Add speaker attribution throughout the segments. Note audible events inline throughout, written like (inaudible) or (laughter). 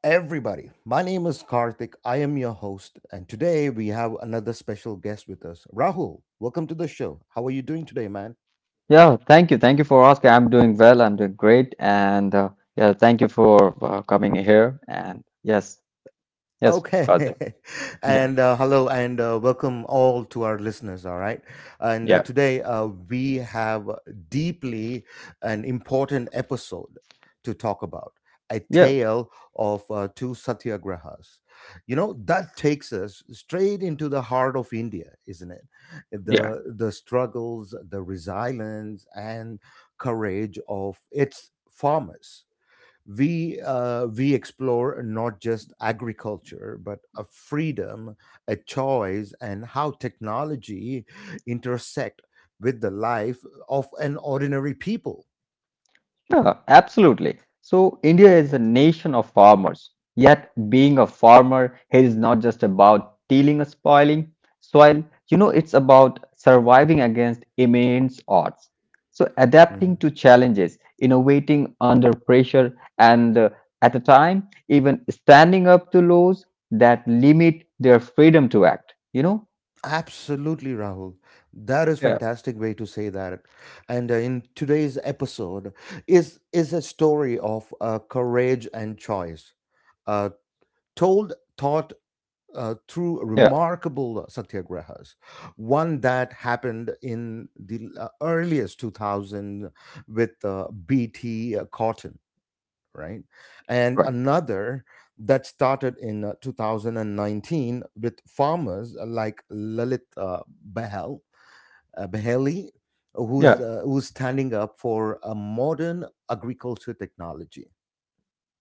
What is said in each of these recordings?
Speaker 1: everybody. My name is Karthik. I am your host, and today we have another special guest with us, Rahul. Welcome to the show. How are you doing today, man?
Speaker 2: Yeah, thank you. Thank you for asking. I'm doing well. I'm doing great. And yeah, thank you for coming here. And yes,
Speaker 1: Okay.
Speaker 2: Karthik.
Speaker 1: (laughs)
Speaker 2: Yeah,
Speaker 1: And hello and welcome all to our listeners, all right? And uh,
Speaker 2: yeah,
Speaker 1: today uh, we have deeply an important episode to talk about a
Speaker 2: yeah,
Speaker 1: tale of two satyagrahas. You know, that takes us straight into the heart of India, isn't it?
Speaker 2: yeah.
Speaker 1: The struggles, the resilience and courage of its farmers, we explore not just agriculture but a freedom, a choice, and how technology intersect with the life of an ordinary people.
Speaker 2: Yeah, absolutely. So India is a nation of farmers. Yet being a farmer here is not just about tilling or spoiling soil. You know, it's about surviving against immense odds. So adapting
Speaker 1: Mhm.
Speaker 2: to challenges, innovating under pressure, and at the time, even standing up to laws that limit their freedom to act. You know?
Speaker 1: Absolutely, Rahul. That is
Speaker 2: Yeah,
Speaker 1: fantastic way to say that. And in today's episode is a story of courage and choice, uh, told, taught, through
Speaker 2: yeah,
Speaker 1: remarkable satyagrahas. One that happened in the earliest 2000 with BT cotton, right? And
Speaker 2: right.
Speaker 1: another that started in 2019 with farmers like Lalit Behel, Beheli,
Speaker 2: Yeah.
Speaker 1: who's standing up for a modern agriculture technology.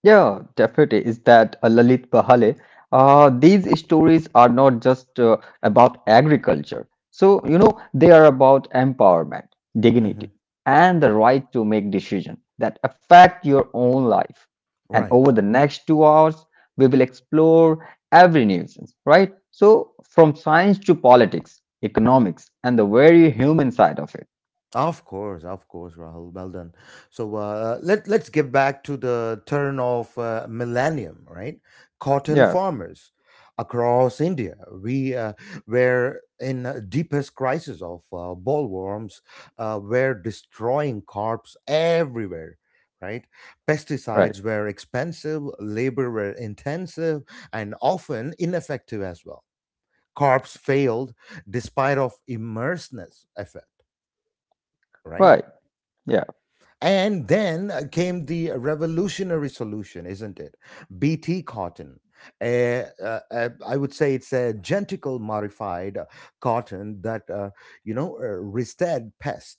Speaker 2: Yeah, definitely. Is that Lalit Bahale? These stories are not just about agriculture. So, you know, they are about empowerment,
Speaker 1: Mhm.
Speaker 2: dignity, and the right to make decisions that affect your own life. And
Speaker 1: Right.
Speaker 2: over the next 2 hours, we will explore every nuisance, right? So, from science to politics, economics, and the very human side of it.
Speaker 1: Of course, Rahul. Well done. So let's get back to the turn of millennium, right? Cotton
Speaker 2: Yeah,
Speaker 1: farmers across India, we were in a deepest crisis of bollworms. Were destroying crops everywhere. Right,
Speaker 2: right,
Speaker 1: pesticides were expensive, labor were intensive, and often ineffective as well. Crops failed despite of immersiveness effect, right?
Speaker 2: right. Yeah,
Speaker 1: And then came the revolutionary solution, isn't it? BT cotton. I would say it's a genetical modified cotton that resisted pest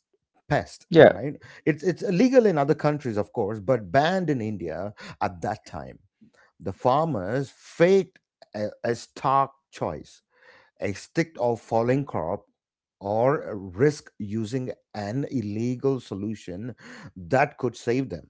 Speaker 1: pest
Speaker 2: yeah.
Speaker 1: right? It's illegal in other countries, of course, but banned in India at that time. The farmers faked a stock choice, a stick of falling crop, or risk using an illegal solution that could save them.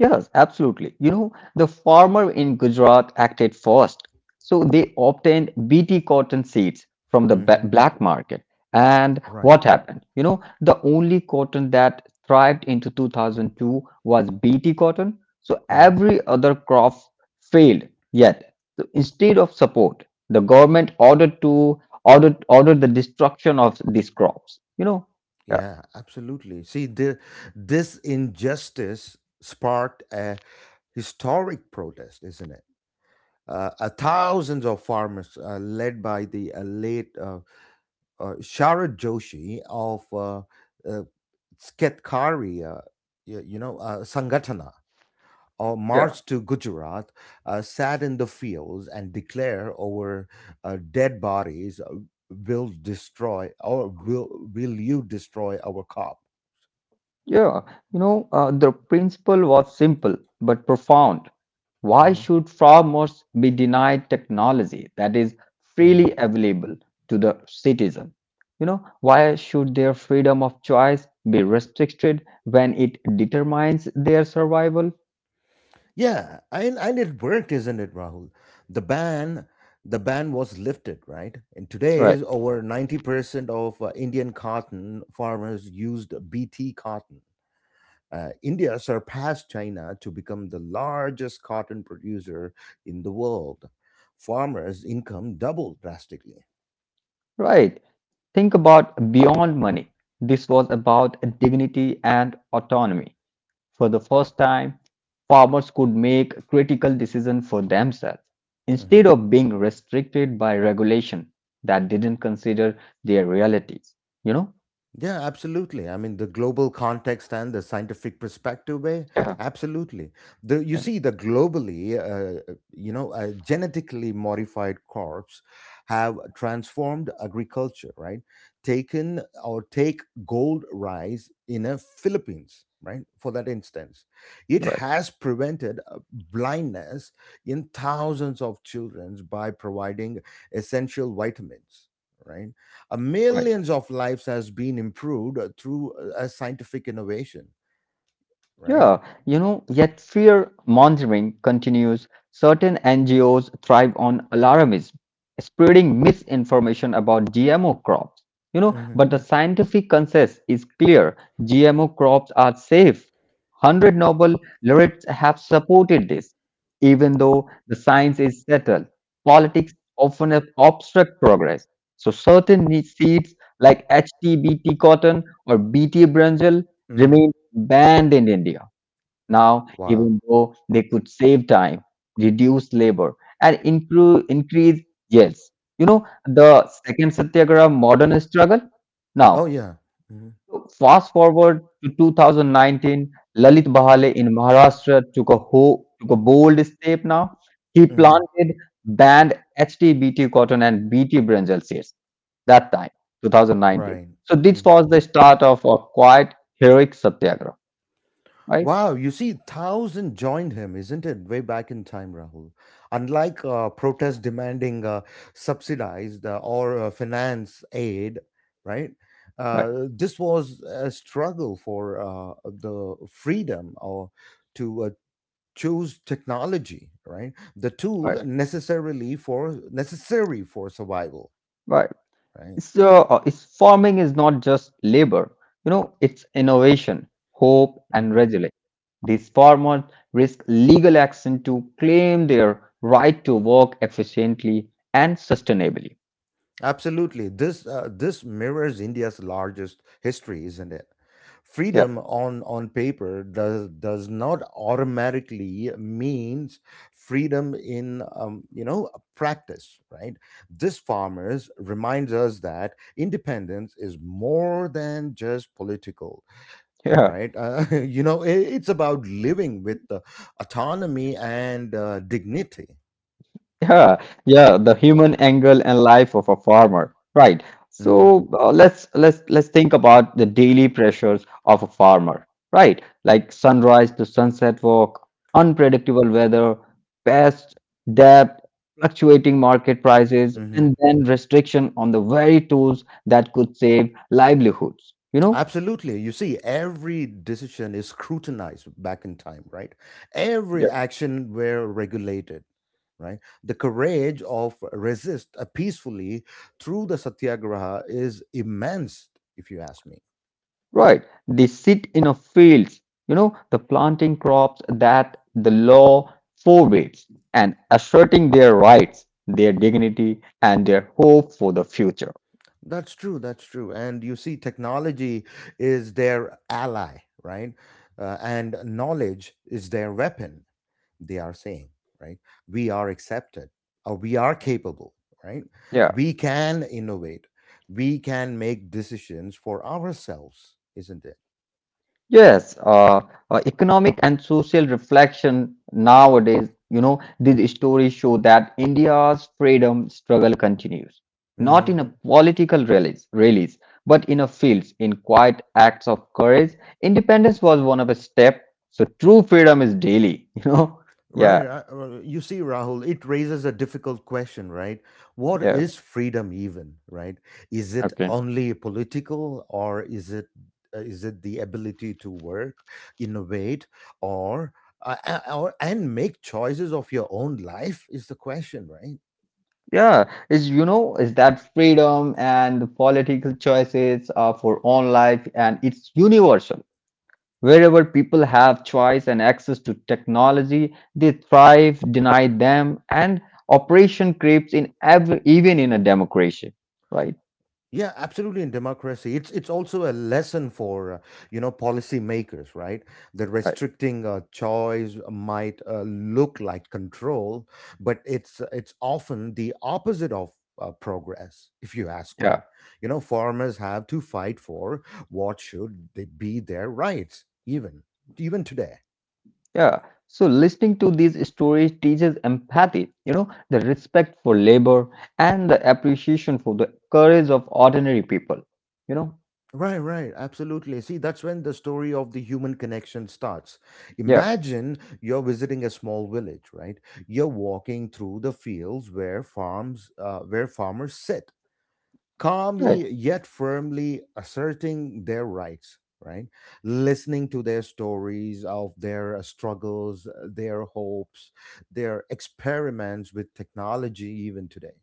Speaker 2: Yes, absolutely. You know, the farmer in Gujarat acted first. So they obtained BT cotton seeds from the
Speaker 1: Hmm.
Speaker 2: black market. And
Speaker 1: Right.
Speaker 2: what happened? You know, the only cotton that thrived into 2002 was BT cotton. So
Speaker 1: Hmm.
Speaker 2: every other crop failed yet. So instead of support, the government ordered to ordered ordered the destruction of these crops. You know, yeah,
Speaker 1: Yeah, absolutely. See, this injustice sparked a historic protest, isn't it? Thousands of farmers, led by the late Sharad Joshi of uh, Sketkari, Sangatana, or
Speaker 2: yeah.
Speaker 1: march to Gujarat, sat in the fields and declare over dead bodies, will destroy or will will you destroy our cop?
Speaker 2: Yeah, you know, the principle was simple but profound. Why
Speaker 1: Hmm.
Speaker 2: should farmers be denied technology that is freely
Speaker 1: Hmm.
Speaker 2: available to the citizen? You know, why should their freedom of choice be restricted when it determines their survival?
Speaker 1: Yeah, and it worked, isn't it, Rahul? The ban. The ban was lifted, right? And today,
Speaker 2: Right,
Speaker 1: over 90% of Indian cotton farmers used BT cotton. India surpassed China to become the largest cotton producer in the world. Farmers' income doubled drastically.
Speaker 2: right. Think about beyond money. This was about dignity and autonomy. For the first time, farmers could make critical decisions for themselves instead of being restricted by regulation that didn't consider their realities. You know?
Speaker 1: Yeah, absolutely. I mean, the global context and the scientific perspective, way,
Speaker 2: Yeah,
Speaker 1: absolutely. The you
Speaker 2: yeah,
Speaker 1: see, the globally, you know, genetically modified crops have transformed agriculture, right? Taken or take gold rice in the Philippines, right? For that instance, it
Speaker 2: right,
Speaker 1: has prevented blindness in thousands of children by providing essential vitamins, right?
Speaker 2: right.
Speaker 1: Millions of lives has been improved through a scientific innovation, right.
Speaker 2: Yeah, you know, yet fear mongering continues. Certain NGOs thrive on alarmism, spreading misinformation about GMO crops. You know,
Speaker 1: Hmm.
Speaker 2: but the scientific consensus is clear GMO crops are safe. 100 Nobel laureates have supported this, even though the science is settled. Politics often obstruct progress. So, certain seeds like HTBT cotton or BT brinjal
Speaker 1: Hmm.
Speaker 2: remain banned in India. Now,
Speaker 1: Wow.
Speaker 2: even though they could save time, reduce labor, and increase yields. You know, the second Satyagraha modern struggle.
Speaker 1: Oh
Speaker 2: Now,
Speaker 1: yeah. Hmm.
Speaker 2: fast forward to 2019, Lalit Bahale in Maharashtra took a bold step now. He
Speaker 1: Hmm.
Speaker 2: planted banned HTBT cotton and BT brinjal seeds that time, 2019.
Speaker 1: Right.
Speaker 2: So, this
Speaker 1: Hmm.
Speaker 2: was the start of a quite heroic Satyagraha, right?
Speaker 1: Wow, you see thousand joined him, isn't it, way back in time, Rahul? Unlike protests demanding subsidized or finance aid, right?
Speaker 2: Right.
Speaker 1: This was a struggle for the freedom or to choose technology, right, the tool
Speaker 2: right.
Speaker 1: necessarily for necessary for survival,
Speaker 2: Right.
Speaker 1: right.
Speaker 2: So, it's farming is not just labor, you know, it's innovation, hope, and
Speaker 1: Hmm.
Speaker 2: resilience. These farmers risk legal action to claim their right to work efficiently and sustainably.
Speaker 1: Absolutely, this this mirrors India's largest history, isn't it?
Speaker 2: Yeah,
Speaker 1: Freedom on paper does not automatically means freedom in practice, right? This farmers reminds us that independence is more than just political,
Speaker 2: yeah.
Speaker 1: right. (laughs) You know, it's about living with autonomy and dignity.
Speaker 2: Yeah, the human angle and life of a farmer, right?
Speaker 1: Hmm.
Speaker 2: So let's think about the daily pressures of a farmer, right? Like sunrise to sunset walk, unpredictable weather, pest, debt, fluctuating market prices, and
Speaker 1: Hmm.
Speaker 2: then restriction on the very tools that could save livelihoods, you know?
Speaker 1: Absolutely. You see, every decision is scrutinized back in time, right? Every action were regulated, right? The courage of resist peacefully through the satyagraha is immense, if you ask me.
Speaker 2: Right. They sit in a fields, you know, the planting crops that the law forbids and asserting their rights, their dignity, and their hope for the future.
Speaker 1: That's true. That's true. And you see, technology is their ally, right? And knowledge is their weapon, they are saying, right? We are accepted, or we are capable, right?
Speaker 2: Yeah.
Speaker 1: We can innovate, we can make decisions for ourselves, isn't it?
Speaker 2: Yes, economic and social reflection nowadays, you know, these stories show that India's freedom struggle continues, not
Speaker 1: Hmm.
Speaker 2: in a political release, but in a fields, in quiet acts of courage. Independence was one of a step, so true freedom is daily, (laughs) you know. Yeah,
Speaker 1: Right. You see, Rahul, it raises a difficult question, right? What
Speaker 2: yeah,
Speaker 1: is freedom even, right? Is it
Speaker 2: okay.
Speaker 1: only political or is it the ability to work, innovate, or or and make choices of your own life is the question, right?
Speaker 2: Yeah, is you know, is that freedom and the political choices are for all life and it's universal. Wherever people have choice and access to technology, they thrive, deny them, and oppression creeps in every, even in a democracy. Right?
Speaker 1: Yeah, absolutely. In democracy, it's also a lesson for you know, policymakers, right? That
Speaker 2: Right.
Speaker 1: restricting choice might look like control, but it's often the opposite of progress. If you ask
Speaker 2: Yeah.
Speaker 1: me, you know, farmers have to fight for what should they be their rights, even today.
Speaker 2: Yeah. So listening to these stories teaches empathy, you know, the respect for labor and the appreciation for the courage of ordinary people. You know?
Speaker 1: Right, right, absolutely. See, that's when the story of the human connection starts.
Speaker 2: Yeah.
Speaker 1: Imagine you're visiting a small village, right? You're walking through the fields where farmers sit, calmly yet firmly asserting their rights, right? Listening to their stories of their struggles, their hopes, their experiments with technology, even today.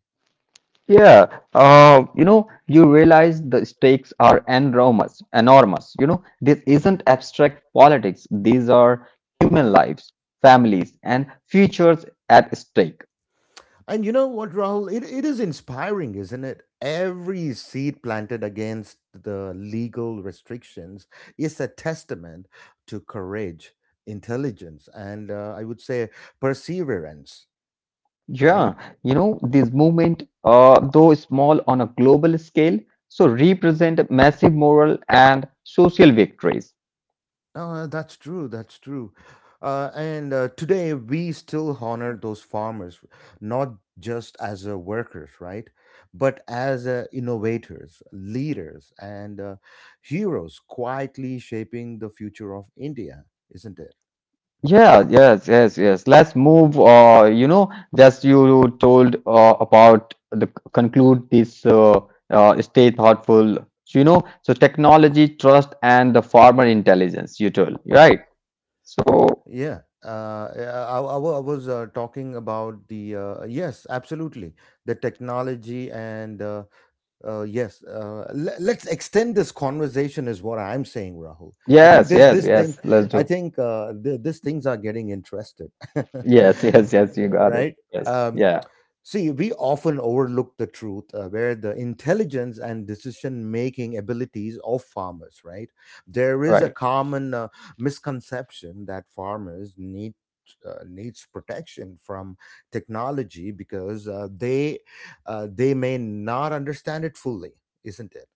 Speaker 2: Yeah, you know, you realize the stakes are enormous. You know, this
Speaker 1: Mm.
Speaker 2: isn't abstract politics. These are human lives, families, and futures at stake.
Speaker 1: And you know what, Rahul? It is inspiring, isn't it? Every seed planted against the legal restrictions is a testament to courage, intelligence, and I would say perseverance, right?
Speaker 2: Yeah, you know, this movement, though small on a global scale, so represent massive moral and social victories.
Speaker 1: No, that's true. That's true. And today we still honor those farmers, not just as workers, right? But as innovators, leaders, and heroes quietly shaping the future of India, isn't it?
Speaker 2: Yeah, yes. Let's move. You know, just you told about the conclude this stay thoughtful. So, you know, so technology, trust, and the farmer intelligence. You told, right? So,
Speaker 1: Yeah. I was talking about the, yes, absolutely, the technology and yes, let's extend this conversation is what I'm saying, Rahul. I think
Speaker 2: yes,
Speaker 1: this
Speaker 2: yes,
Speaker 1: this
Speaker 2: yes.
Speaker 1: thing,
Speaker 2: Exactly. Let's
Speaker 1: I
Speaker 2: do.
Speaker 1: think these things are getting interested,
Speaker 2: Yes, (laughs) yes,
Speaker 1: (laughs)
Speaker 2: yes. You got it.
Speaker 1: right?
Speaker 2: Yes.
Speaker 1: Um,
Speaker 2: Yeah.
Speaker 1: see, we often overlook the truth where the intelligence and decision making abilities of farmers, right? There is a
Speaker 2: Right.
Speaker 1: common misconception that farmers need. Needs protection from technology because they may not understand it fully, isn't it?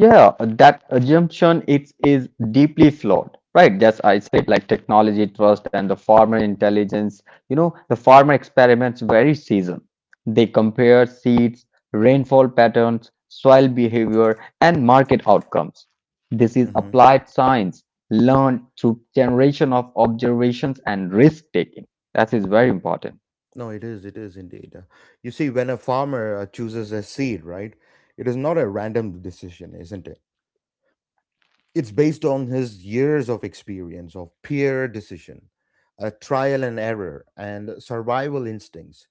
Speaker 2: Yeah, that assumption it is deeply flawed, right? That's I said, like technology trust and the farmer intelligence. You know, the farmer experiments very season. They compare seeds, rainfall patterns, soil behavior, and market outcomes. This is
Speaker 1: Hmm.
Speaker 2: applied science learned through generation of observations and risk taking. That is very important.
Speaker 1: No, it is indeed. You see, when a farmer chooses a seed, right, it is not a random decision, isn't it? It's based on his years of experience of peer decision, a trial and error, and survival instincts.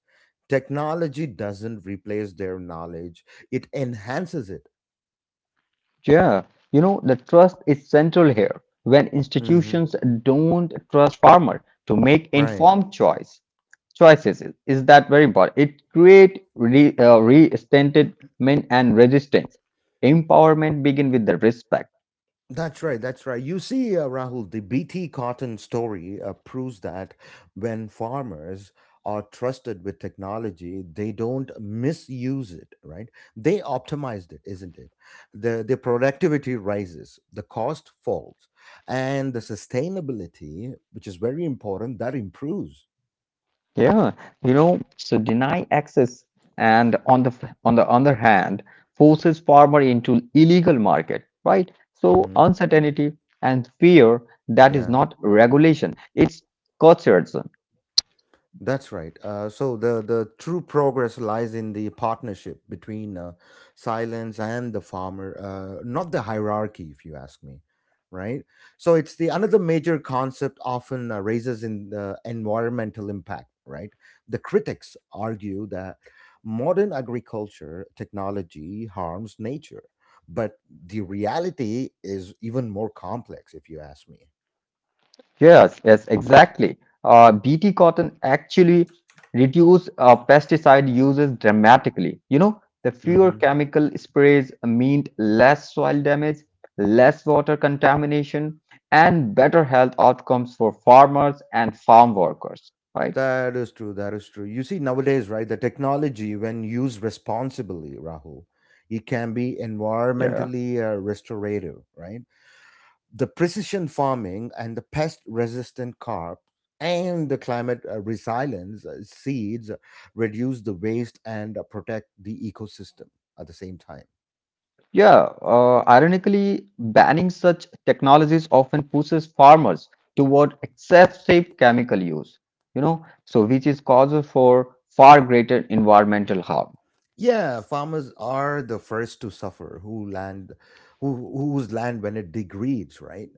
Speaker 1: Technology doesn't replace their knowledge, it enhances it.
Speaker 2: Yeah, you know, the trust is central here. When
Speaker 1: Mhm.
Speaker 2: institutions don't trust farmer to make
Speaker 1: Right.
Speaker 2: informed choices is that very important. It create resentment and resistance. Empowerment begin with the respect.
Speaker 1: That's right. That's right. You see, Rahul, the BT cotton story proves that when farmers are trusted with technology, they don't misuse it, right? They optimized it, isn't it? The productivity rises, the cost falls, and the sustainability, which is very important, that improves.
Speaker 2: Yeah, you know, so deny access and on the on the other hand, forces farmer into illegal market, right? So
Speaker 1: Hmm.
Speaker 2: uncertainty and fear that is
Speaker 1: Yeah.
Speaker 2: not regulation, it's cultures.
Speaker 1: That's right. So the true progress lies in the partnership between silence and the farmer, not the hierarchy, if you ask me. Right. So it's the another major concept often raises in the environmental impact. Right. The critics argue that modern agriculture technology harms nature, but the reality is even more complex, if you ask
Speaker 2: Yes, exactly. Bt cotton actually reduce pesticide uses dramatically. You know, the fewer
Speaker 1: me.
Speaker 2: chemical sprays mean less soil damage, less water contamination, and better health outcomes for farmers and farm workers, right?
Speaker 1: That is true. That is true. You see, nowadays, right, the technology, when used responsibly, Rahul, it can be environmentally restorative, right? The precision farming and the pest resistant crop and the climate resilience seeds reduce the waste and protect the ecosystem at the same time.
Speaker 2: Yeah, ironically, banning such technologies often pushes farmers toward excessive chemical use, you know, so which is causes for far greater environmental harm.
Speaker 1: Yeah, farmers are the first to suffer who whose land when it degrades, right?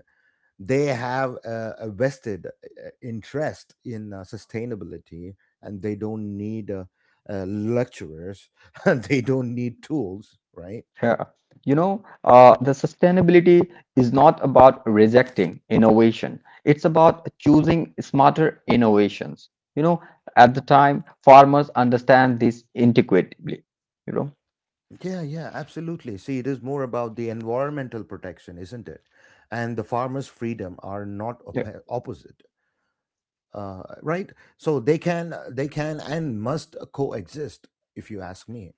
Speaker 1: They have a vested interest in sustainability, and they don't need lecturers, (laughs) and they don't need tools, right.
Speaker 2: Yeah. You know, the sustainability is not about rejecting innovation. It's about choosing smarter innovations. You know, at the time, farmers understand this intuitively, you know.
Speaker 1: Yeah, yeah, absolutely, see it is more about the environmental protection, isn't it, and the farmers freedom are not
Speaker 2: Yeah.
Speaker 1: op- opposite, right, so they can and must coexist, if you ask me.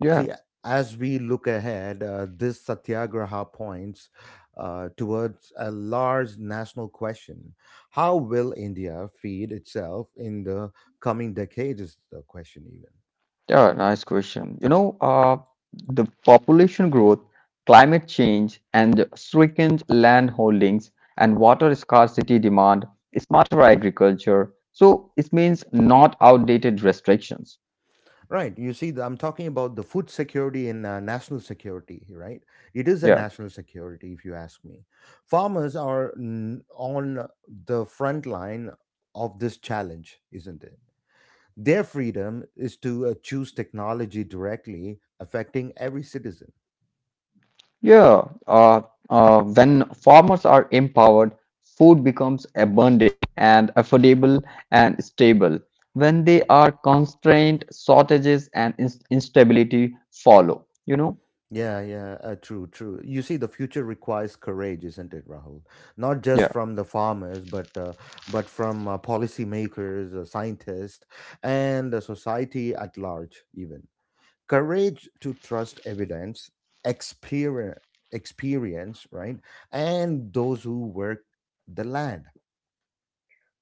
Speaker 2: Yeah.
Speaker 1: See, as we look ahead, this satyagraha points towards a large national question. How will India feed itself in the coming decades? Is the question even.
Speaker 2: Yeah, nice question. You know, the population growth, climate change, and stricken land holdings and water scarcity demand smarter agriculture. So it means not outdated restrictions.
Speaker 1: Right. You see, I'm talking about the food security and national security, right? It is a
Speaker 2: Yeah,
Speaker 1: national security, if you ask me. Farmers are on the front line of this challenge, isn't it? Their freedom is to choose technology directly affecting every citizen.
Speaker 2: yeah. Uh, when farmers are empowered, food becomes abundant and affordable and stable. When they are constrained, shortages and instability follow. You know.
Speaker 1: Yeah, yeah, true, true. You see, the future requires courage, isn't it, Rahul? Not
Speaker 2: Yeah.
Speaker 1: just from the farmers, but from policymakers, scientists, and the society at large. Even courage to trust evidence, experience, experience, right, and those who work the land.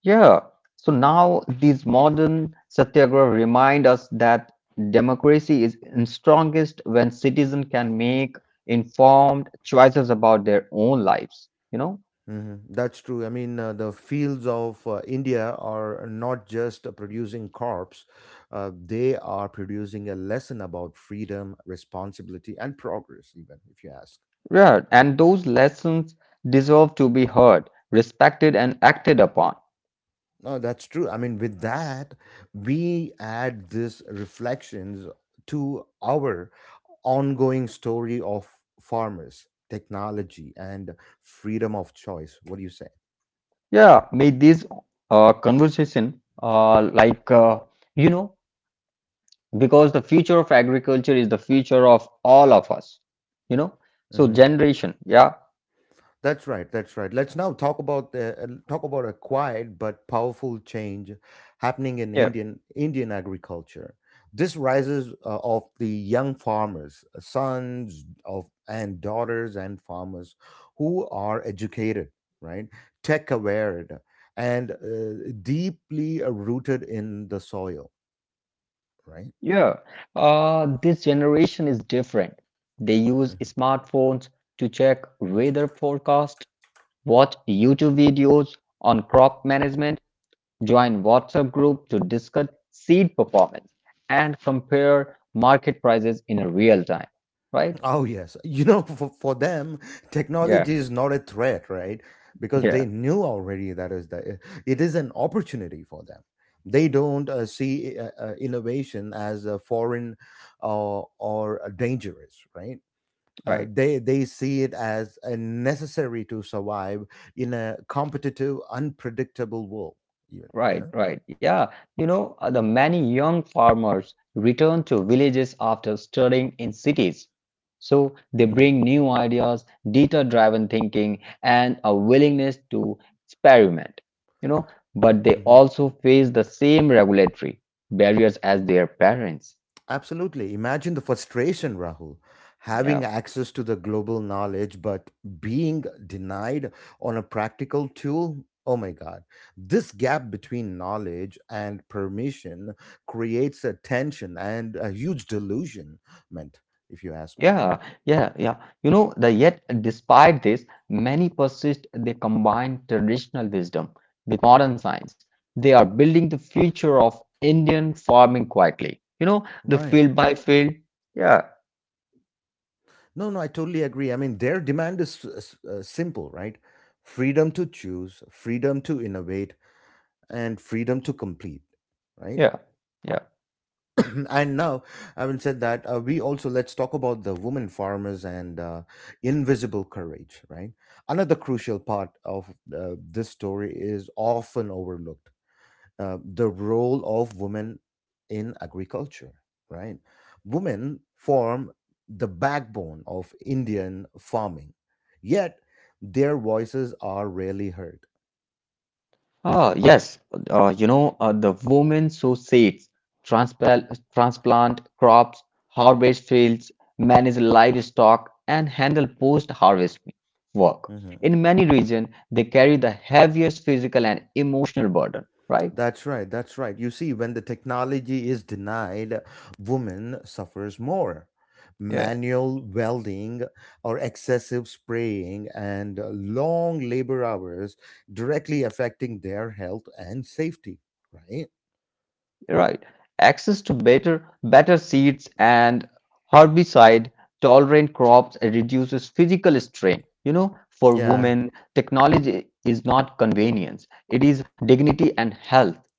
Speaker 2: Yeah. So now these modern satyagraha remind us that democracy is in strongest when citizens can make informed choices about their own lives, you know?
Speaker 1: Hmm. That's true. I mean, the fields of India are not just producing crops, they are producing a lesson about freedom, responsibility, and progress, even if you ask.
Speaker 2: Yeah, and those lessons deserve to be heard, respected, and acted upon.
Speaker 1: No, that's true. I mean, with that, we add these reflections to our ongoing story of farmers, technology, and freedom of choice. What do you say?
Speaker 2: Yeah, may this conversation, you know, because the future of agriculture is the future of all of us, you know? So,
Speaker 1: Mm-hmm.
Speaker 2: generation, yeah.
Speaker 1: That's right. That's right. Let's now talk about the, talk about a quiet but powerful change happening in
Speaker 2: Yeah.
Speaker 1: Indian agriculture. This rises of the young farmers, sons of and daughters and farmers who are educated, right, tech aware, and deeply rooted in the soil, right?
Speaker 2: Yeah, this generation is different. They use
Speaker 1: Mm-hmm.
Speaker 2: smartphones to check weather forecast, watch YouTube videos on crop management, join WhatsApp group to discuss seed performance, and compare market prices in real time. Right?
Speaker 1: Oh, yes. For them,
Speaker 2: Yeah,
Speaker 1: technology is not a threat, right? Because they
Speaker 2: yeah,
Speaker 1: knew already that is that it is an opportunity for them. They don't see innovation as a foreign or a dangerous, right? Uh,
Speaker 2: right.
Speaker 1: they they see it as a necessary to survive in a competitive, unpredictable world. Yeah. Yeah?
Speaker 2: Right, right. Yeah. You know, the many young farmers return to villages after studying in cities. So they
Speaker 1: Mm-hmm.
Speaker 2: bring new ideas, data-driven thinking, and a willingness to experiment. You know, but they also face the same regulatory barriers as their parents.
Speaker 1: Absolutely. Imagine the frustration, Rahul,
Speaker 2: Yeah.
Speaker 1: having access to the global knowledge but being denied on a practical tool. Oh my God. This gap between knowledge and permission creates a tension and a huge delusionment, if you ask me.
Speaker 2: Yeah, yeah, yeah. You know, the yet despite this, many persist, they combine traditional wisdom with modern science. They are building the future of Indian farming quietly. You know, the
Speaker 1: Right.
Speaker 2: field by field. Yeah,
Speaker 1: No, no, I totally agree. I mean, their demand is simple, right? Freedom to choose, freedom to innovate, and freedom to complete, right?
Speaker 2: yeah, yeah.
Speaker 1: (clears throat) And now, having said that, we also let's talk about the women farmers and invisible courage. Right, another crucial part of this story is often overlooked: the role of women in agriculture. Right, women form the backbone of Indian farming, yet their voices are rarely heard.
Speaker 2: Ah, yes. You know, the women sow seeds, transplant crops, harvest fields, manage livestock, and handle post-harvest work.
Speaker 1: Mm-hmm.
Speaker 2: In many regions, they carry the heaviest physical and emotional burden, right?
Speaker 1: That's right. That's right. You see, when the technology is denied, women suffers more.
Speaker 2: Yeah,
Speaker 1: Manual welding or excessive spraying and long labor hours directly affecting their health and safety, right?
Speaker 2: right. Access to better seeds and herbicide tolerant crops reduces physical strain. You know, for
Speaker 1: Yeah.
Speaker 2: women, technology is not convenience, it is dignity and health.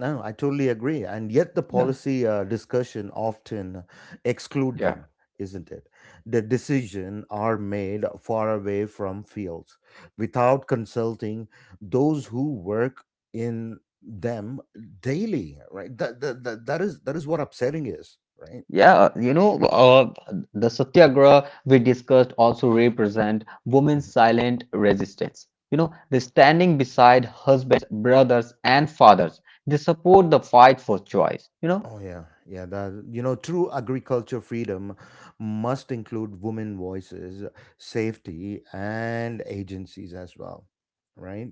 Speaker 1: No, I totally agree. And yet the
Speaker 2: Yeah.
Speaker 1: policy discussion often exclude
Speaker 2: Yeah.
Speaker 1: them, isn't it? The decision are made far away from fields without consulting those who work in them daily, right? That is what upsetting is, right?
Speaker 2: Yeah, you know, the satyagraha we discussed also represent women's
Speaker 1: Mhm.
Speaker 2: silent resistance. You know, they standing beside husbands, brothers, and fathers. They support the fight for choice. You know,
Speaker 1: Oh yeah, yeah. That you know, true agriculture freedom must include women voices, safety, and agencies as well, right?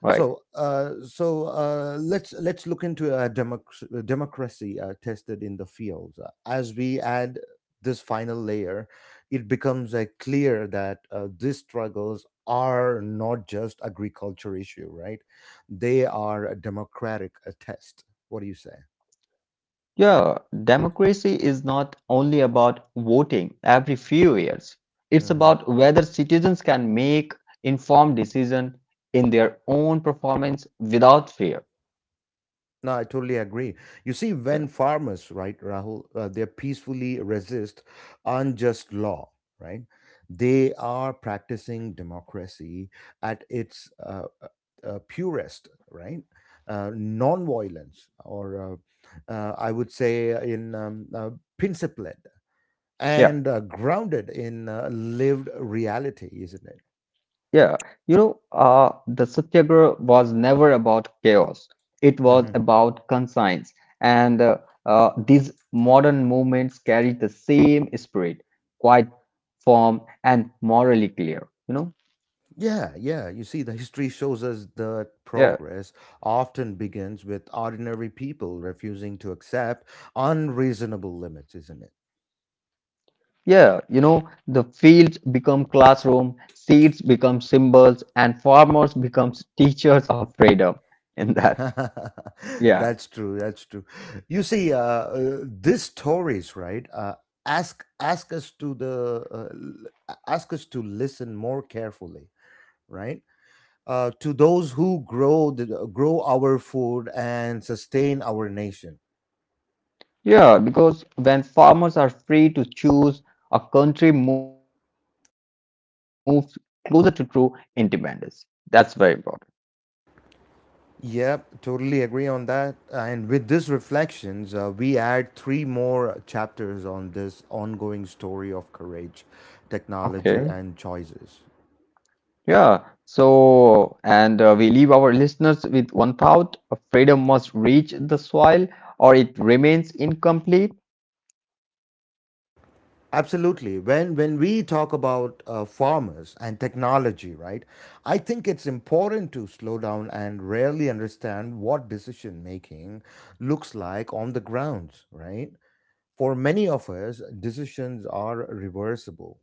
Speaker 2: right?
Speaker 1: So let's look into a democracy tested in the field. As we add this final layer, it becomes clear that these struggles are not just agriculture issue, right? They are a democratic test. What do you say?
Speaker 2: Yeah, democracy is not only about voting every few years. It's
Speaker 1: Mm-hmm.
Speaker 2: about whether citizens can make informed decision in their own performance without fear.
Speaker 1: No, I totally agree. You see, when farmers, right, Rahul, they peacefully resist unjust law, right? They are practicing democracy at its purest, right? Non-violence, or I would say, in principled
Speaker 2: Yeah.
Speaker 1: and grounded in lived reality, isn't it?
Speaker 2: Yeah, you know, the Satyagraha was never about chaos. It was
Speaker 1: Hmm.
Speaker 2: about conscience. And these modern movements carry the same spirit, quite firm and morally clear, you know?
Speaker 1: Yeah, yeah. You see, the history shows us that
Speaker 2: Yeah,
Speaker 1: progress often begins with ordinary people refusing to accept unreasonable limits, isn't it?
Speaker 2: yeah, you know, the fields become classroom, seeds become symbols, and farmers become teachers of freedom in that.
Speaker 1: (laughs)
Speaker 2: Yeah.
Speaker 1: That's true. That's true. You see, these stories, right? Ask us to ask us to listen more carefully, right? To those who grow grow our food and sustain our nation.
Speaker 2: Yeah, because when farmers are free to choose, a country moves closer to true independence. That's very important.
Speaker 1: Yep, totally agree on that. And with these reflections, we add three more chapters on this ongoing story of courage, technology,
Speaker 2: Okay.
Speaker 1: and choices.
Speaker 2: Yeah. So, and we leave our listeners with one thought: freedom must reach the soil, or it remains incomplete.
Speaker 1: Absolutely. When we talk about farmers and technology, right? I think it's important to slow down and really understand what decision making looks like on the grounds, right? For many of us, decisions are reversible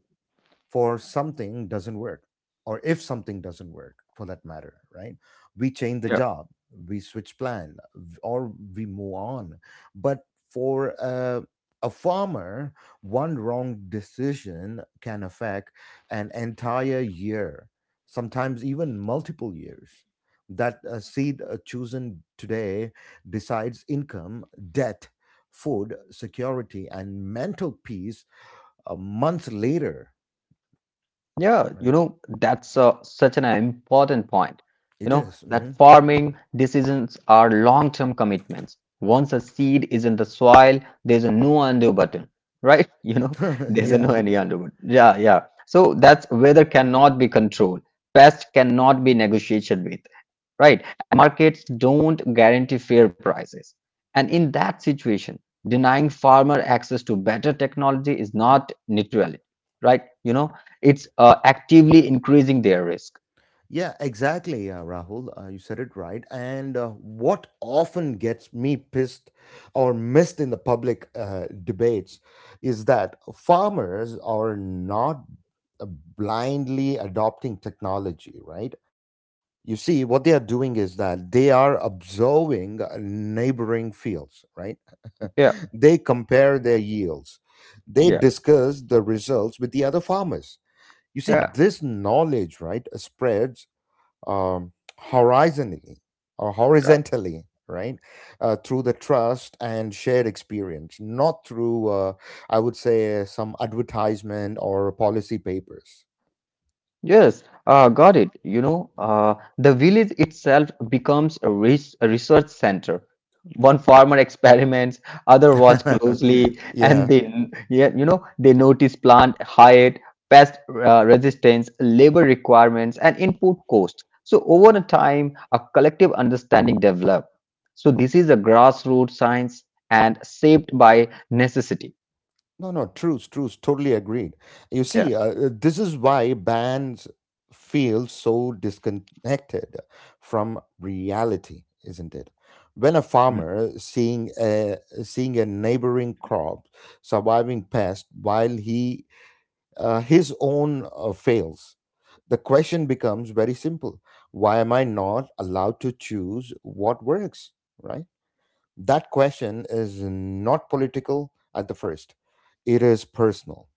Speaker 1: for something doesn't work or if something doesn't work for that matter, right, we change the
Speaker 2: Yeah.
Speaker 1: job, we switch plan, or we move on. But for a farmer, one wrong decision can affect an entire year, sometimes even multiple years. That seed chosen today decides income, debt, food security and mental peace a month later,
Speaker 2: Yeah, you
Speaker 1: right?
Speaker 2: know, that's such an important point.
Speaker 1: It
Speaker 2: You know,
Speaker 1: is, mhm.
Speaker 2: that farming decisions are long-term commitments. Once a seed is in the soil, there's a no undo button, right? (laughs) You know, there's a
Speaker 1: (laughs) Yeah.
Speaker 2: no any undo button. Yeah, yeah. So that's weather cannot be controlled. Pest cannot be negotiated with, right? Markets don't guarantee fair prices. And in that situation, denying farmer access to better technology is not neutrality, right? You know, it's actively increasing their risk.
Speaker 1: Yeah, exactly, yeah, Rahul. You said it right. And what often gets me pissed or missed in the public debates is that farmers are not uh, blindly adopting technology, right? You see, what they are doing is that they are observing neighboring fields, right?
Speaker 2: Yeah,
Speaker 1: (laughs) They compare their yields, they
Speaker 2: yeah,
Speaker 1: discuss the results with the other farmers. You see,
Speaker 2: yeah,
Speaker 1: this knowledge, right, spreads um, horizontally or
Speaker 2: yeah.
Speaker 1: horizontally, right, through the trust and shared experience, not through, I would say, some advertisement or policy papers.
Speaker 2: Yes, got it. You know, the village itself becomes a, res a research center. One farmer experiments, other watch closely,
Speaker 1: (laughs)
Speaker 2: and
Speaker 1: Yeah.
Speaker 2: then they notice plant height, pest resistance, labor requirements, and input cost. So over the time, a collective understanding developed. So this is a grassroots science and shaped by necessity.
Speaker 1: No, no, truce, truce. Totally agreed. You
Speaker 2: Yeah.
Speaker 1: see, this is why bands feel so disconnected from reality, isn't it? When a
Speaker 2: Mhm.
Speaker 1: farmer seeing a neighboring crop surviving pest while he his own fails, the question becomes very simple: why am I not allowed to choose what works? Right? That question is not political at the first. It is personal.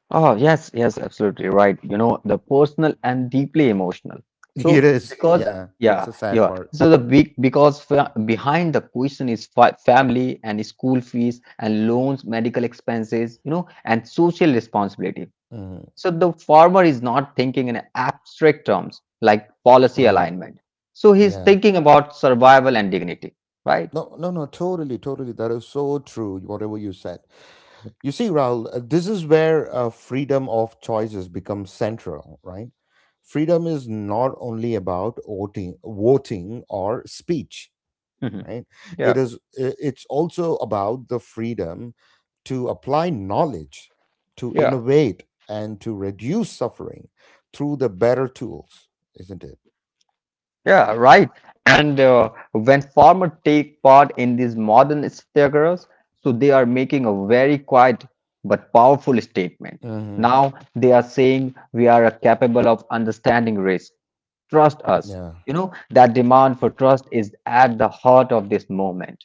Speaker 2: Oh, yes, yes, absolutely right. You know, the personal and deeply emotional.
Speaker 1: (laughs)
Speaker 2: So,
Speaker 1: It is,
Speaker 2: because,
Speaker 1: yeah.
Speaker 2: yeah,
Speaker 1: It's a sad
Speaker 2: yeah.
Speaker 1: part.
Speaker 2: So, the big, because fa behind the question is fa family and school fees and loans, medical expenses, and social responsibility.
Speaker 1: Mhm.
Speaker 2: So, the farmer is not thinking in abstract terms like policy
Speaker 1: Right.
Speaker 2: alignment. So, he's
Speaker 1: Yeah.
Speaker 2: thinking about survival and dignity, right?
Speaker 1: No, no, no, totally, totally. That is so true, whatever you said. You see, Raul, this is where freedom of choices becomes central, right? Freedom is not only about voting or speech,
Speaker 2: Mhm.
Speaker 1: right. It
Speaker 2: Yeah,
Speaker 1: is it's also about the freedom to apply knowledge, to
Speaker 2: yeah.
Speaker 1: innovate, and to reduce suffering through the better tools, isn't it?
Speaker 2: Yeah, right. And when farmers take part in these modern staggerers, so they are making a very quiet but powerful statement.
Speaker 1: Hmm.
Speaker 2: Now they are saying we are capable of understanding risk. Trust us.
Speaker 1: Yeah.
Speaker 2: You know, that demand for trust is at the heart of this movement,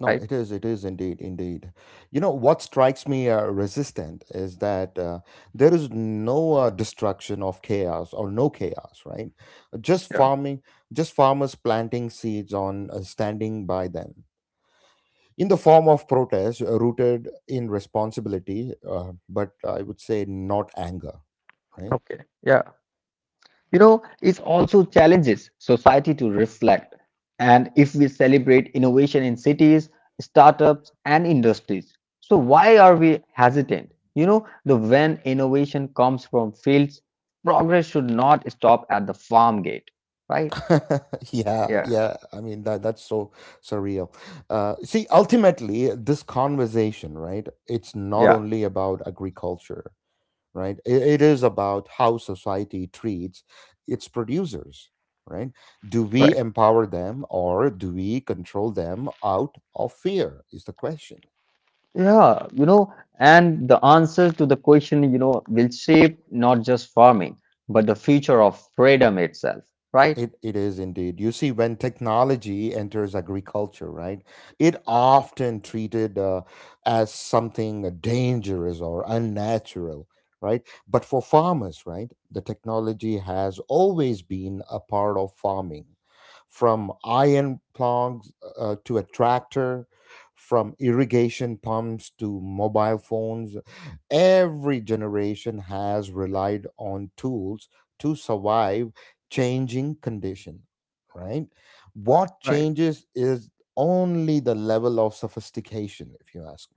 Speaker 1: No,
Speaker 2: right?
Speaker 1: it is, it is indeed indeed. You know what strikes me resistant is that there is no destruction of chaos or no chaos, right, just
Speaker 2: Yeah.
Speaker 1: farming, just farmers planting seeds on standing by them in the form of protest, rooted in responsibility, but I would say not anger, right.
Speaker 2: Okay. Yeah. You know, it also challenges society to reflect. And if we celebrate innovation in cities, startups, and industries, so why are we hesitant? The when innovation comes from fields, progress should not stop at the farm gate, right?
Speaker 1: (laughs) Yeah,
Speaker 2: Yeah,
Speaker 1: yeah, I mean that that's so surreal. See, ultimately this conversation, right, it's not
Speaker 2: yeah,
Speaker 1: only about agriculture, right. It is about how society treats its producers, right. Do we
Speaker 2: right.
Speaker 1: empower them or do we control them out of fear is the question.
Speaker 2: Yeah, you know, and the answer to the question, you know, will shape not just farming, but the future of freedom itself, right?
Speaker 1: It is indeed. You see, when technology enters agriculture, right, it often treated as something dangerous or unnatural, right? But for farmers, right, the technology has always been a part of farming, from iron plugs to a tractor, from irrigation pumps to mobile phones. Every generation has relied on tools to survive changing condition, right? What changes is only the level of sophistication, if you ask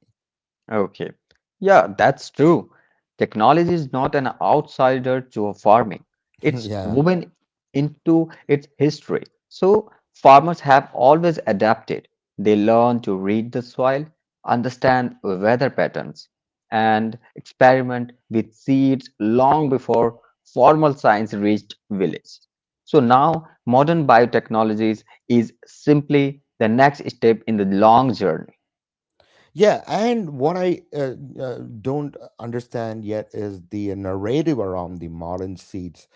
Speaker 2: Okay. Yeah, that's true. Technology is not an outsider to farming.
Speaker 1: me. (laughs)
Speaker 2: It's
Speaker 1: Yeah.
Speaker 2: woven into its history. So farmers have always adapted. They learn to read the soil, understand weather patterns, and experiment with seeds long before formal science reached village. So now modern biotechnologies is simply the next step in the long journey.
Speaker 1: Yeah, and what I don't understand yet is the narrative around the modern seeds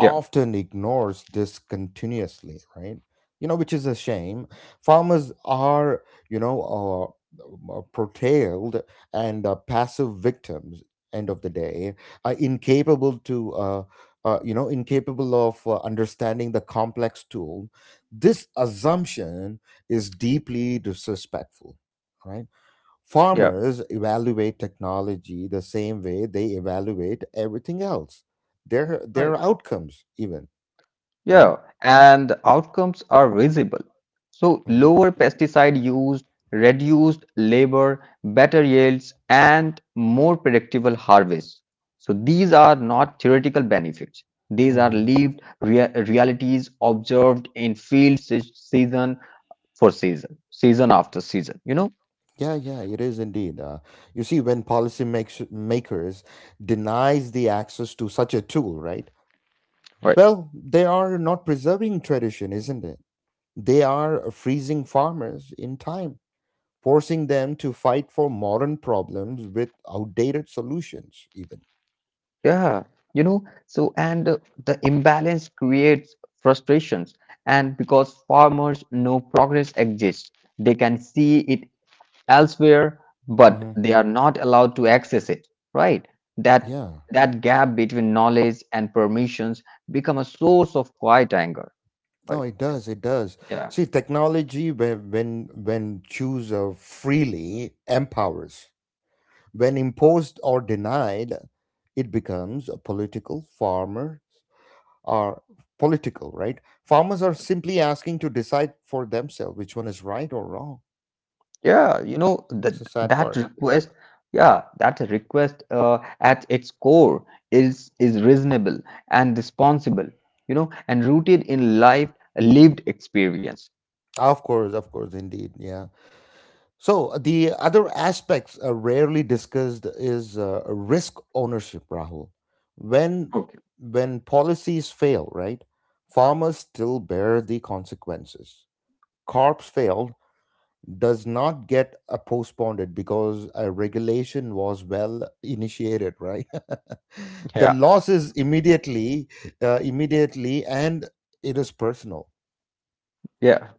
Speaker 2: Yeah,
Speaker 1: ignores this continuously, right? You know, which is a shame. Farmers are, you know, portrayed and passive victims. End of the day, incapable to, you know, incapable of understanding the complex tool. This assumption is deeply disrespectful, right?
Speaker 2: yeah.
Speaker 1: Farmers evaluate technology the same way they evaluate everything else, their outcomes even, right?
Speaker 2: Yeah, and the outcomes are visible. So,
Speaker 1: Hmm.
Speaker 2: lower pesticide use, reduced labor, better yields, and more predictable harvests. So, these are not theoretical benefits. These are
Speaker 1: Hmm.
Speaker 2: lived rea- realities observed in field se- season for season, season after season, you know?
Speaker 1: Yeah, yeah, it is indeed. You see, when makers denies the access to such a tool, right?
Speaker 2: Right?
Speaker 1: Well, they are not preserving tradition, isn't it? They are freezing farmers in time, forcing them to fight for modern problems with outdated solutions, even.
Speaker 2: Yeah, you know, so and the imbalance creates frustrations, and because farmers know progress exists, they can see it elsewhere, but
Speaker 1: Hmm.
Speaker 2: they are not allowed to access it, right? That
Speaker 1: Yeah.
Speaker 2: that gap between knowledge and permissions become a source of quiet anger,
Speaker 1: No,
Speaker 2: right?
Speaker 1: it does.
Speaker 2: Yes.
Speaker 1: It does.
Speaker 2: Yeah.
Speaker 1: See, technology, when choose freely, empowers. When imposed or denied, it becomes a political. Farmers are political, right? Farmers are simply asking to decide for themselves which one is right or wrong.
Speaker 2: Yeah, you know
Speaker 1: It's a
Speaker 2: that
Speaker 1: sad
Speaker 2: that
Speaker 1: part.
Speaker 2: request, yeah, that request at its core is reasonable and responsible, you know, and rooted in life lived experience.
Speaker 1: Of course, indeed. Yeah. So the other aspects rarely discussed is risk ownership, Rahul. When
Speaker 2: Okay.
Speaker 1: when policies fail, right? Farmers still bear the consequences. Corps failed does not get postponed because a regulation was well initiated, right? (laughs) The
Speaker 2: Yeah.
Speaker 1: loss is immediately, and it is personal.
Speaker 2: Yeah.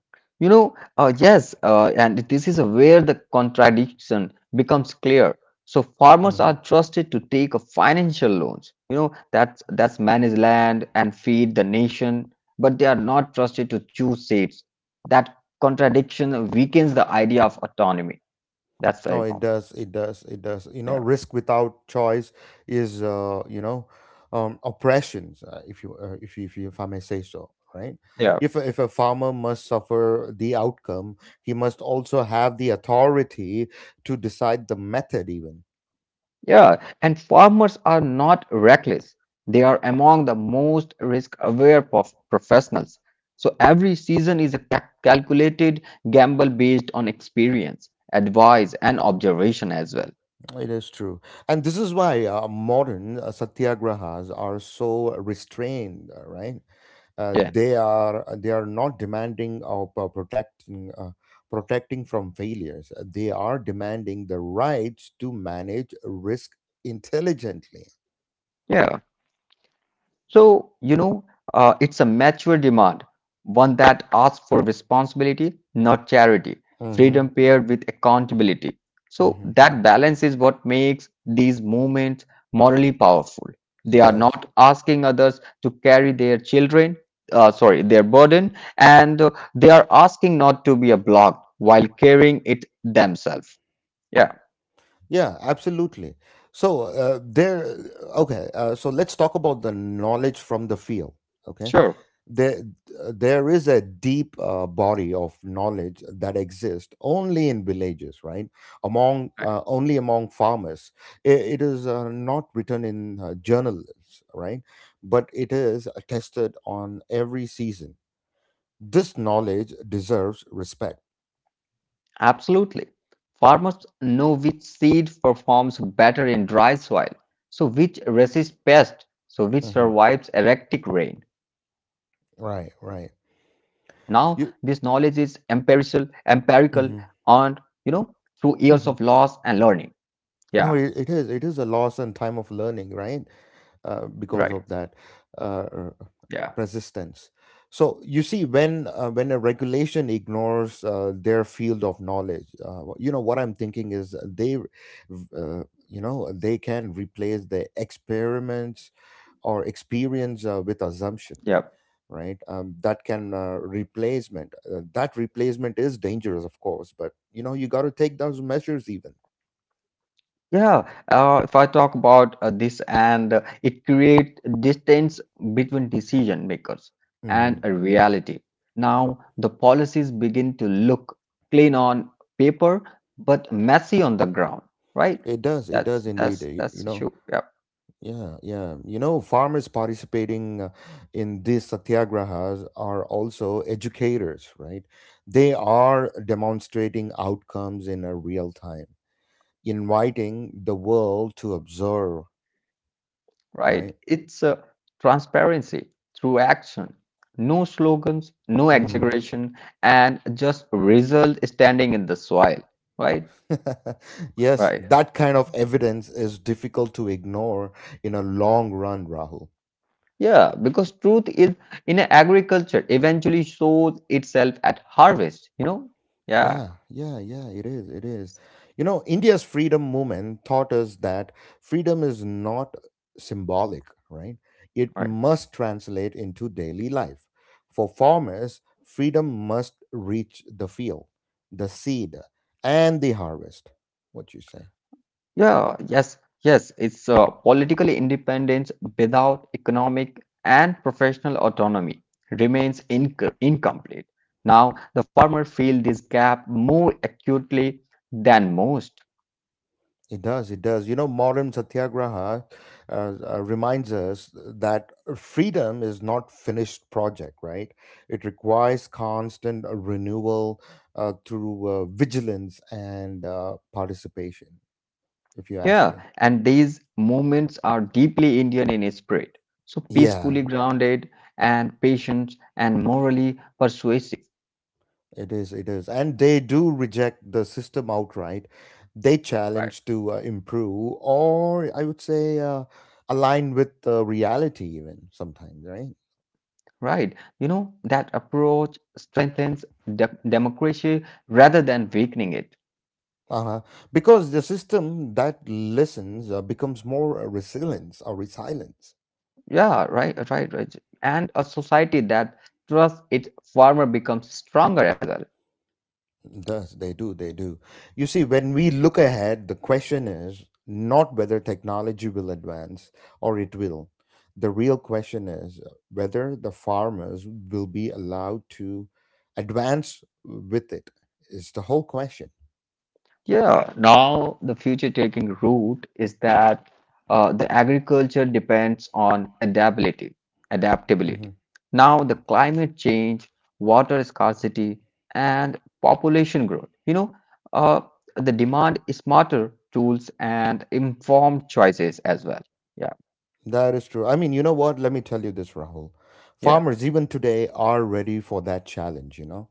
Speaker 2: And this is where the contradiction becomes clear. So farmers
Speaker 1: Mhm.
Speaker 2: are trusted to take a financial loans, you know, that's manage land and feed the nation, but they are not trusted to choose seeds. That contradiction weakens the idea of autonomy. That's very
Speaker 1: No, it
Speaker 2: important.
Speaker 1: does. It does. It does. You know,
Speaker 2: Yeah.
Speaker 1: risk without choice is, oppressions. If you, if I may say so, right?
Speaker 2: Yeah.
Speaker 1: If a farmer must suffer the outcome, he must also have the authority to decide the method. Even
Speaker 2: Yeah, and farmers are not reckless. They are among the most risk-aware prof- professionals. So every season is a ca- calculated gamble based on experience, advice, and observation as well.
Speaker 1: it is true, and this is why modern satyagrahas are so restrained, right?
Speaker 2: Yeah,
Speaker 1: They are not demanding of protecting from failures. They are demanding the rights to manage risk intelligently.
Speaker 2: yeah. So, it's a mature demand, one that asks for responsibility, not charity, freedom
Speaker 1: Hmm.
Speaker 2: paired with accountability. So,
Speaker 1: Hmm.
Speaker 2: that balance is what makes these movements morally powerful. They
Speaker 1: It
Speaker 2: are
Speaker 1: does.
Speaker 2: not asking others to carry their children, sorry, their burden, and they are asking not to be a block while carrying it themselves. Yeah,
Speaker 1: Yeah, absolutely. So there, okay, so let's talk about the knowledge from the field. Okay,
Speaker 2: sure.
Speaker 1: there there is a deep body of knowledge that exists only in villages, right, among only among farmers. It is not written in journals, right, but it is tested on every season. This knowledge deserves respect.
Speaker 2: Absolutely. Farmers know which seed performs better in dry soil, so which resists pests, so which
Speaker 1: Hmm.
Speaker 2: survives erratic rain. Now, this
Speaker 1: Right,
Speaker 2: knowledge
Speaker 1: right.
Speaker 2: is empirical,
Speaker 1: You,
Speaker 2: empirical, and you know,
Speaker 1: mhm.
Speaker 2: through years of loss and learning.
Speaker 1: (laughs)
Speaker 2: Yeah,
Speaker 1: No, it, it is, it is a loss and time of learning, right,
Speaker 2: right.
Speaker 1: because of that uh,
Speaker 2: Yeah,
Speaker 1: persistence. So you see, when a regulation ignores their field of knowledge, you know what I'm thinking is they, you know, they can replace the experiments or experience with assumption,
Speaker 2: yeah.
Speaker 1: right? That can replacement. That replacement is dangerous, of course, but you know you got to take those measures even.
Speaker 2: Yeah, if I talk about this, and it creates distance between decision makers and
Speaker 1: Mhm.
Speaker 2: a reality. Now, the policies begin to look clean on paper, but messy on the ground, right?
Speaker 1: It does. It
Speaker 2: That's
Speaker 1: does indeed.
Speaker 2: that's that's
Speaker 1: You
Speaker 2: the
Speaker 1: know,
Speaker 2: issue. Yeah,
Speaker 1: yeah, yeah. You know, farmers participating in these satyagrahas are also educators, right? They are demonstrating outcomes in a real time, inviting the world to observe,
Speaker 2: right.
Speaker 1: right?
Speaker 2: It's transparency through action. No slogans, no
Speaker 1: Hmm.
Speaker 2: exaggeration, and just result standing in the soil, right?
Speaker 1: (laughs) Yes,
Speaker 2: Right.
Speaker 1: that kind of evidence is difficult to ignore in a long run, Rahul.
Speaker 2: Yeah, because truth is in a agriculture eventually shows itself at harvest, you know? Yeah.
Speaker 1: Yeah, yeah, yeah, it is, it is. You know, India's freedom movement taught us that freedom is not symbolic, right? It
Speaker 2: Right.
Speaker 1: must translate into daily life. For farmers, freedom must reach the field, the seed, and the harvest. What you say?
Speaker 2: Yeah, yes, yes. It's political independence without economic and professional autonomy remains incomplete. Now, the farmer feel this gap more acutely than most.
Speaker 1: It does. It does. You know, modern satyagraha reminds us that freedom is not finished project, right? It requires constant renewal through vigilance and participation. If you ask me,
Speaker 2: Yeah, and these movements are deeply Indian in spirit, so
Speaker 1: yeah,
Speaker 2: peacefully grounded and patient and morally persuasive.
Speaker 1: it is. It is, and they do reject the system outright. They
Speaker 2: Right.
Speaker 1: challenge to improve, or I would say, align with reality, even sometimes, right?
Speaker 2: Right. You know, that approach strengthens democracy rather than weakening it.
Speaker 1: Uh-huh. Because the system that listens becomes more resilience or resilience.
Speaker 2: Yeah, right. And a society that trusts its farmer becomes stronger as well.
Speaker 1: (laughs) Does they do, they do. You see, when we look ahead, the question is not whether technology will advance or it will. The real question is whether the farmers will be allowed to advance with it. It's the whole question.
Speaker 2: Yeah, now the future taking root is that the agriculture depends on adaptability,
Speaker 1: Mm-hmm.
Speaker 2: adaptability. Now the climate change, water scarcity, and population growth. Uh, the demand is smarter tools and informed choices as well. Yeah,
Speaker 1: That is true. I mean, you know what? Let me tell you this, Rahul.
Speaker 2: yeah,
Speaker 1: Farmers, even today, are ready for that challenge, you know?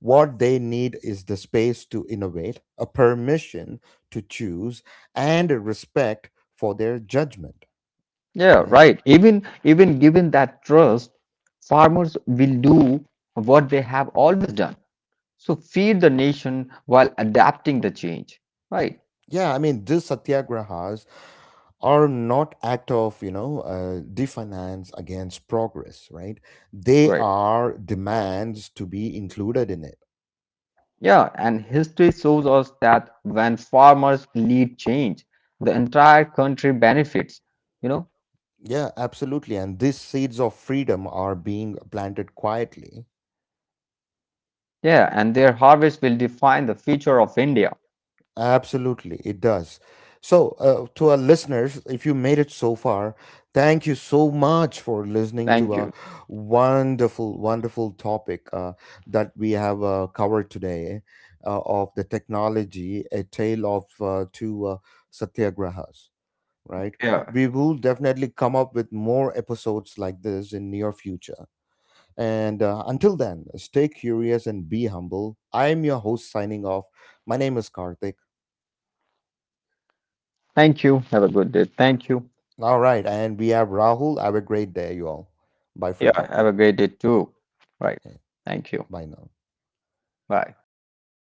Speaker 1: What they need is the space to innovate, a permission to choose, and a respect for their judgment,
Speaker 2: yeah.
Speaker 1: right?
Speaker 2: Right. Even given that trust, farmers will do what they have always done. So feed the nation while adapting the change. Right,
Speaker 1: Yeah, I mean, these satyagrahas are not act of you know defiance against progress, right? They
Speaker 2: right.
Speaker 1: are demands to be included in it.
Speaker 2: Yeah, and history shows us that when farmers lead change, the entire country benefits, you know?
Speaker 1: Yeah, absolutely. And these seeds of freedom are being planted quietly.
Speaker 2: Yeah, and their harvest will define the future of India.
Speaker 1: Absolutely, it does. So, to our listeners, if you made it so far, thank you so much for listening to
Speaker 2: Thank
Speaker 1: a
Speaker 2: you.
Speaker 1: wonderful, wonderful topic that we have covered today of the technology, a tale of two satyagrahas, right?
Speaker 2: Yeah.
Speaker 1: We will definitely come up with more episodes like this in near future. And until then, stay curious and be humble. I am your host signing off. My name is Karthik.
Speaker 2: Thank you. Have a good day. Thank you.
Speaker 1: All right. And we have Rahul. Have a great day, you all. Bye
Speaker 2: Yeah,
Speaker 1: from me.
Speaker 2: have a great day too. Right.
Speaker 1: Okay,
Speaker 2: Thank you.
Speaker 1: bye now.
Speaker 2: Bye.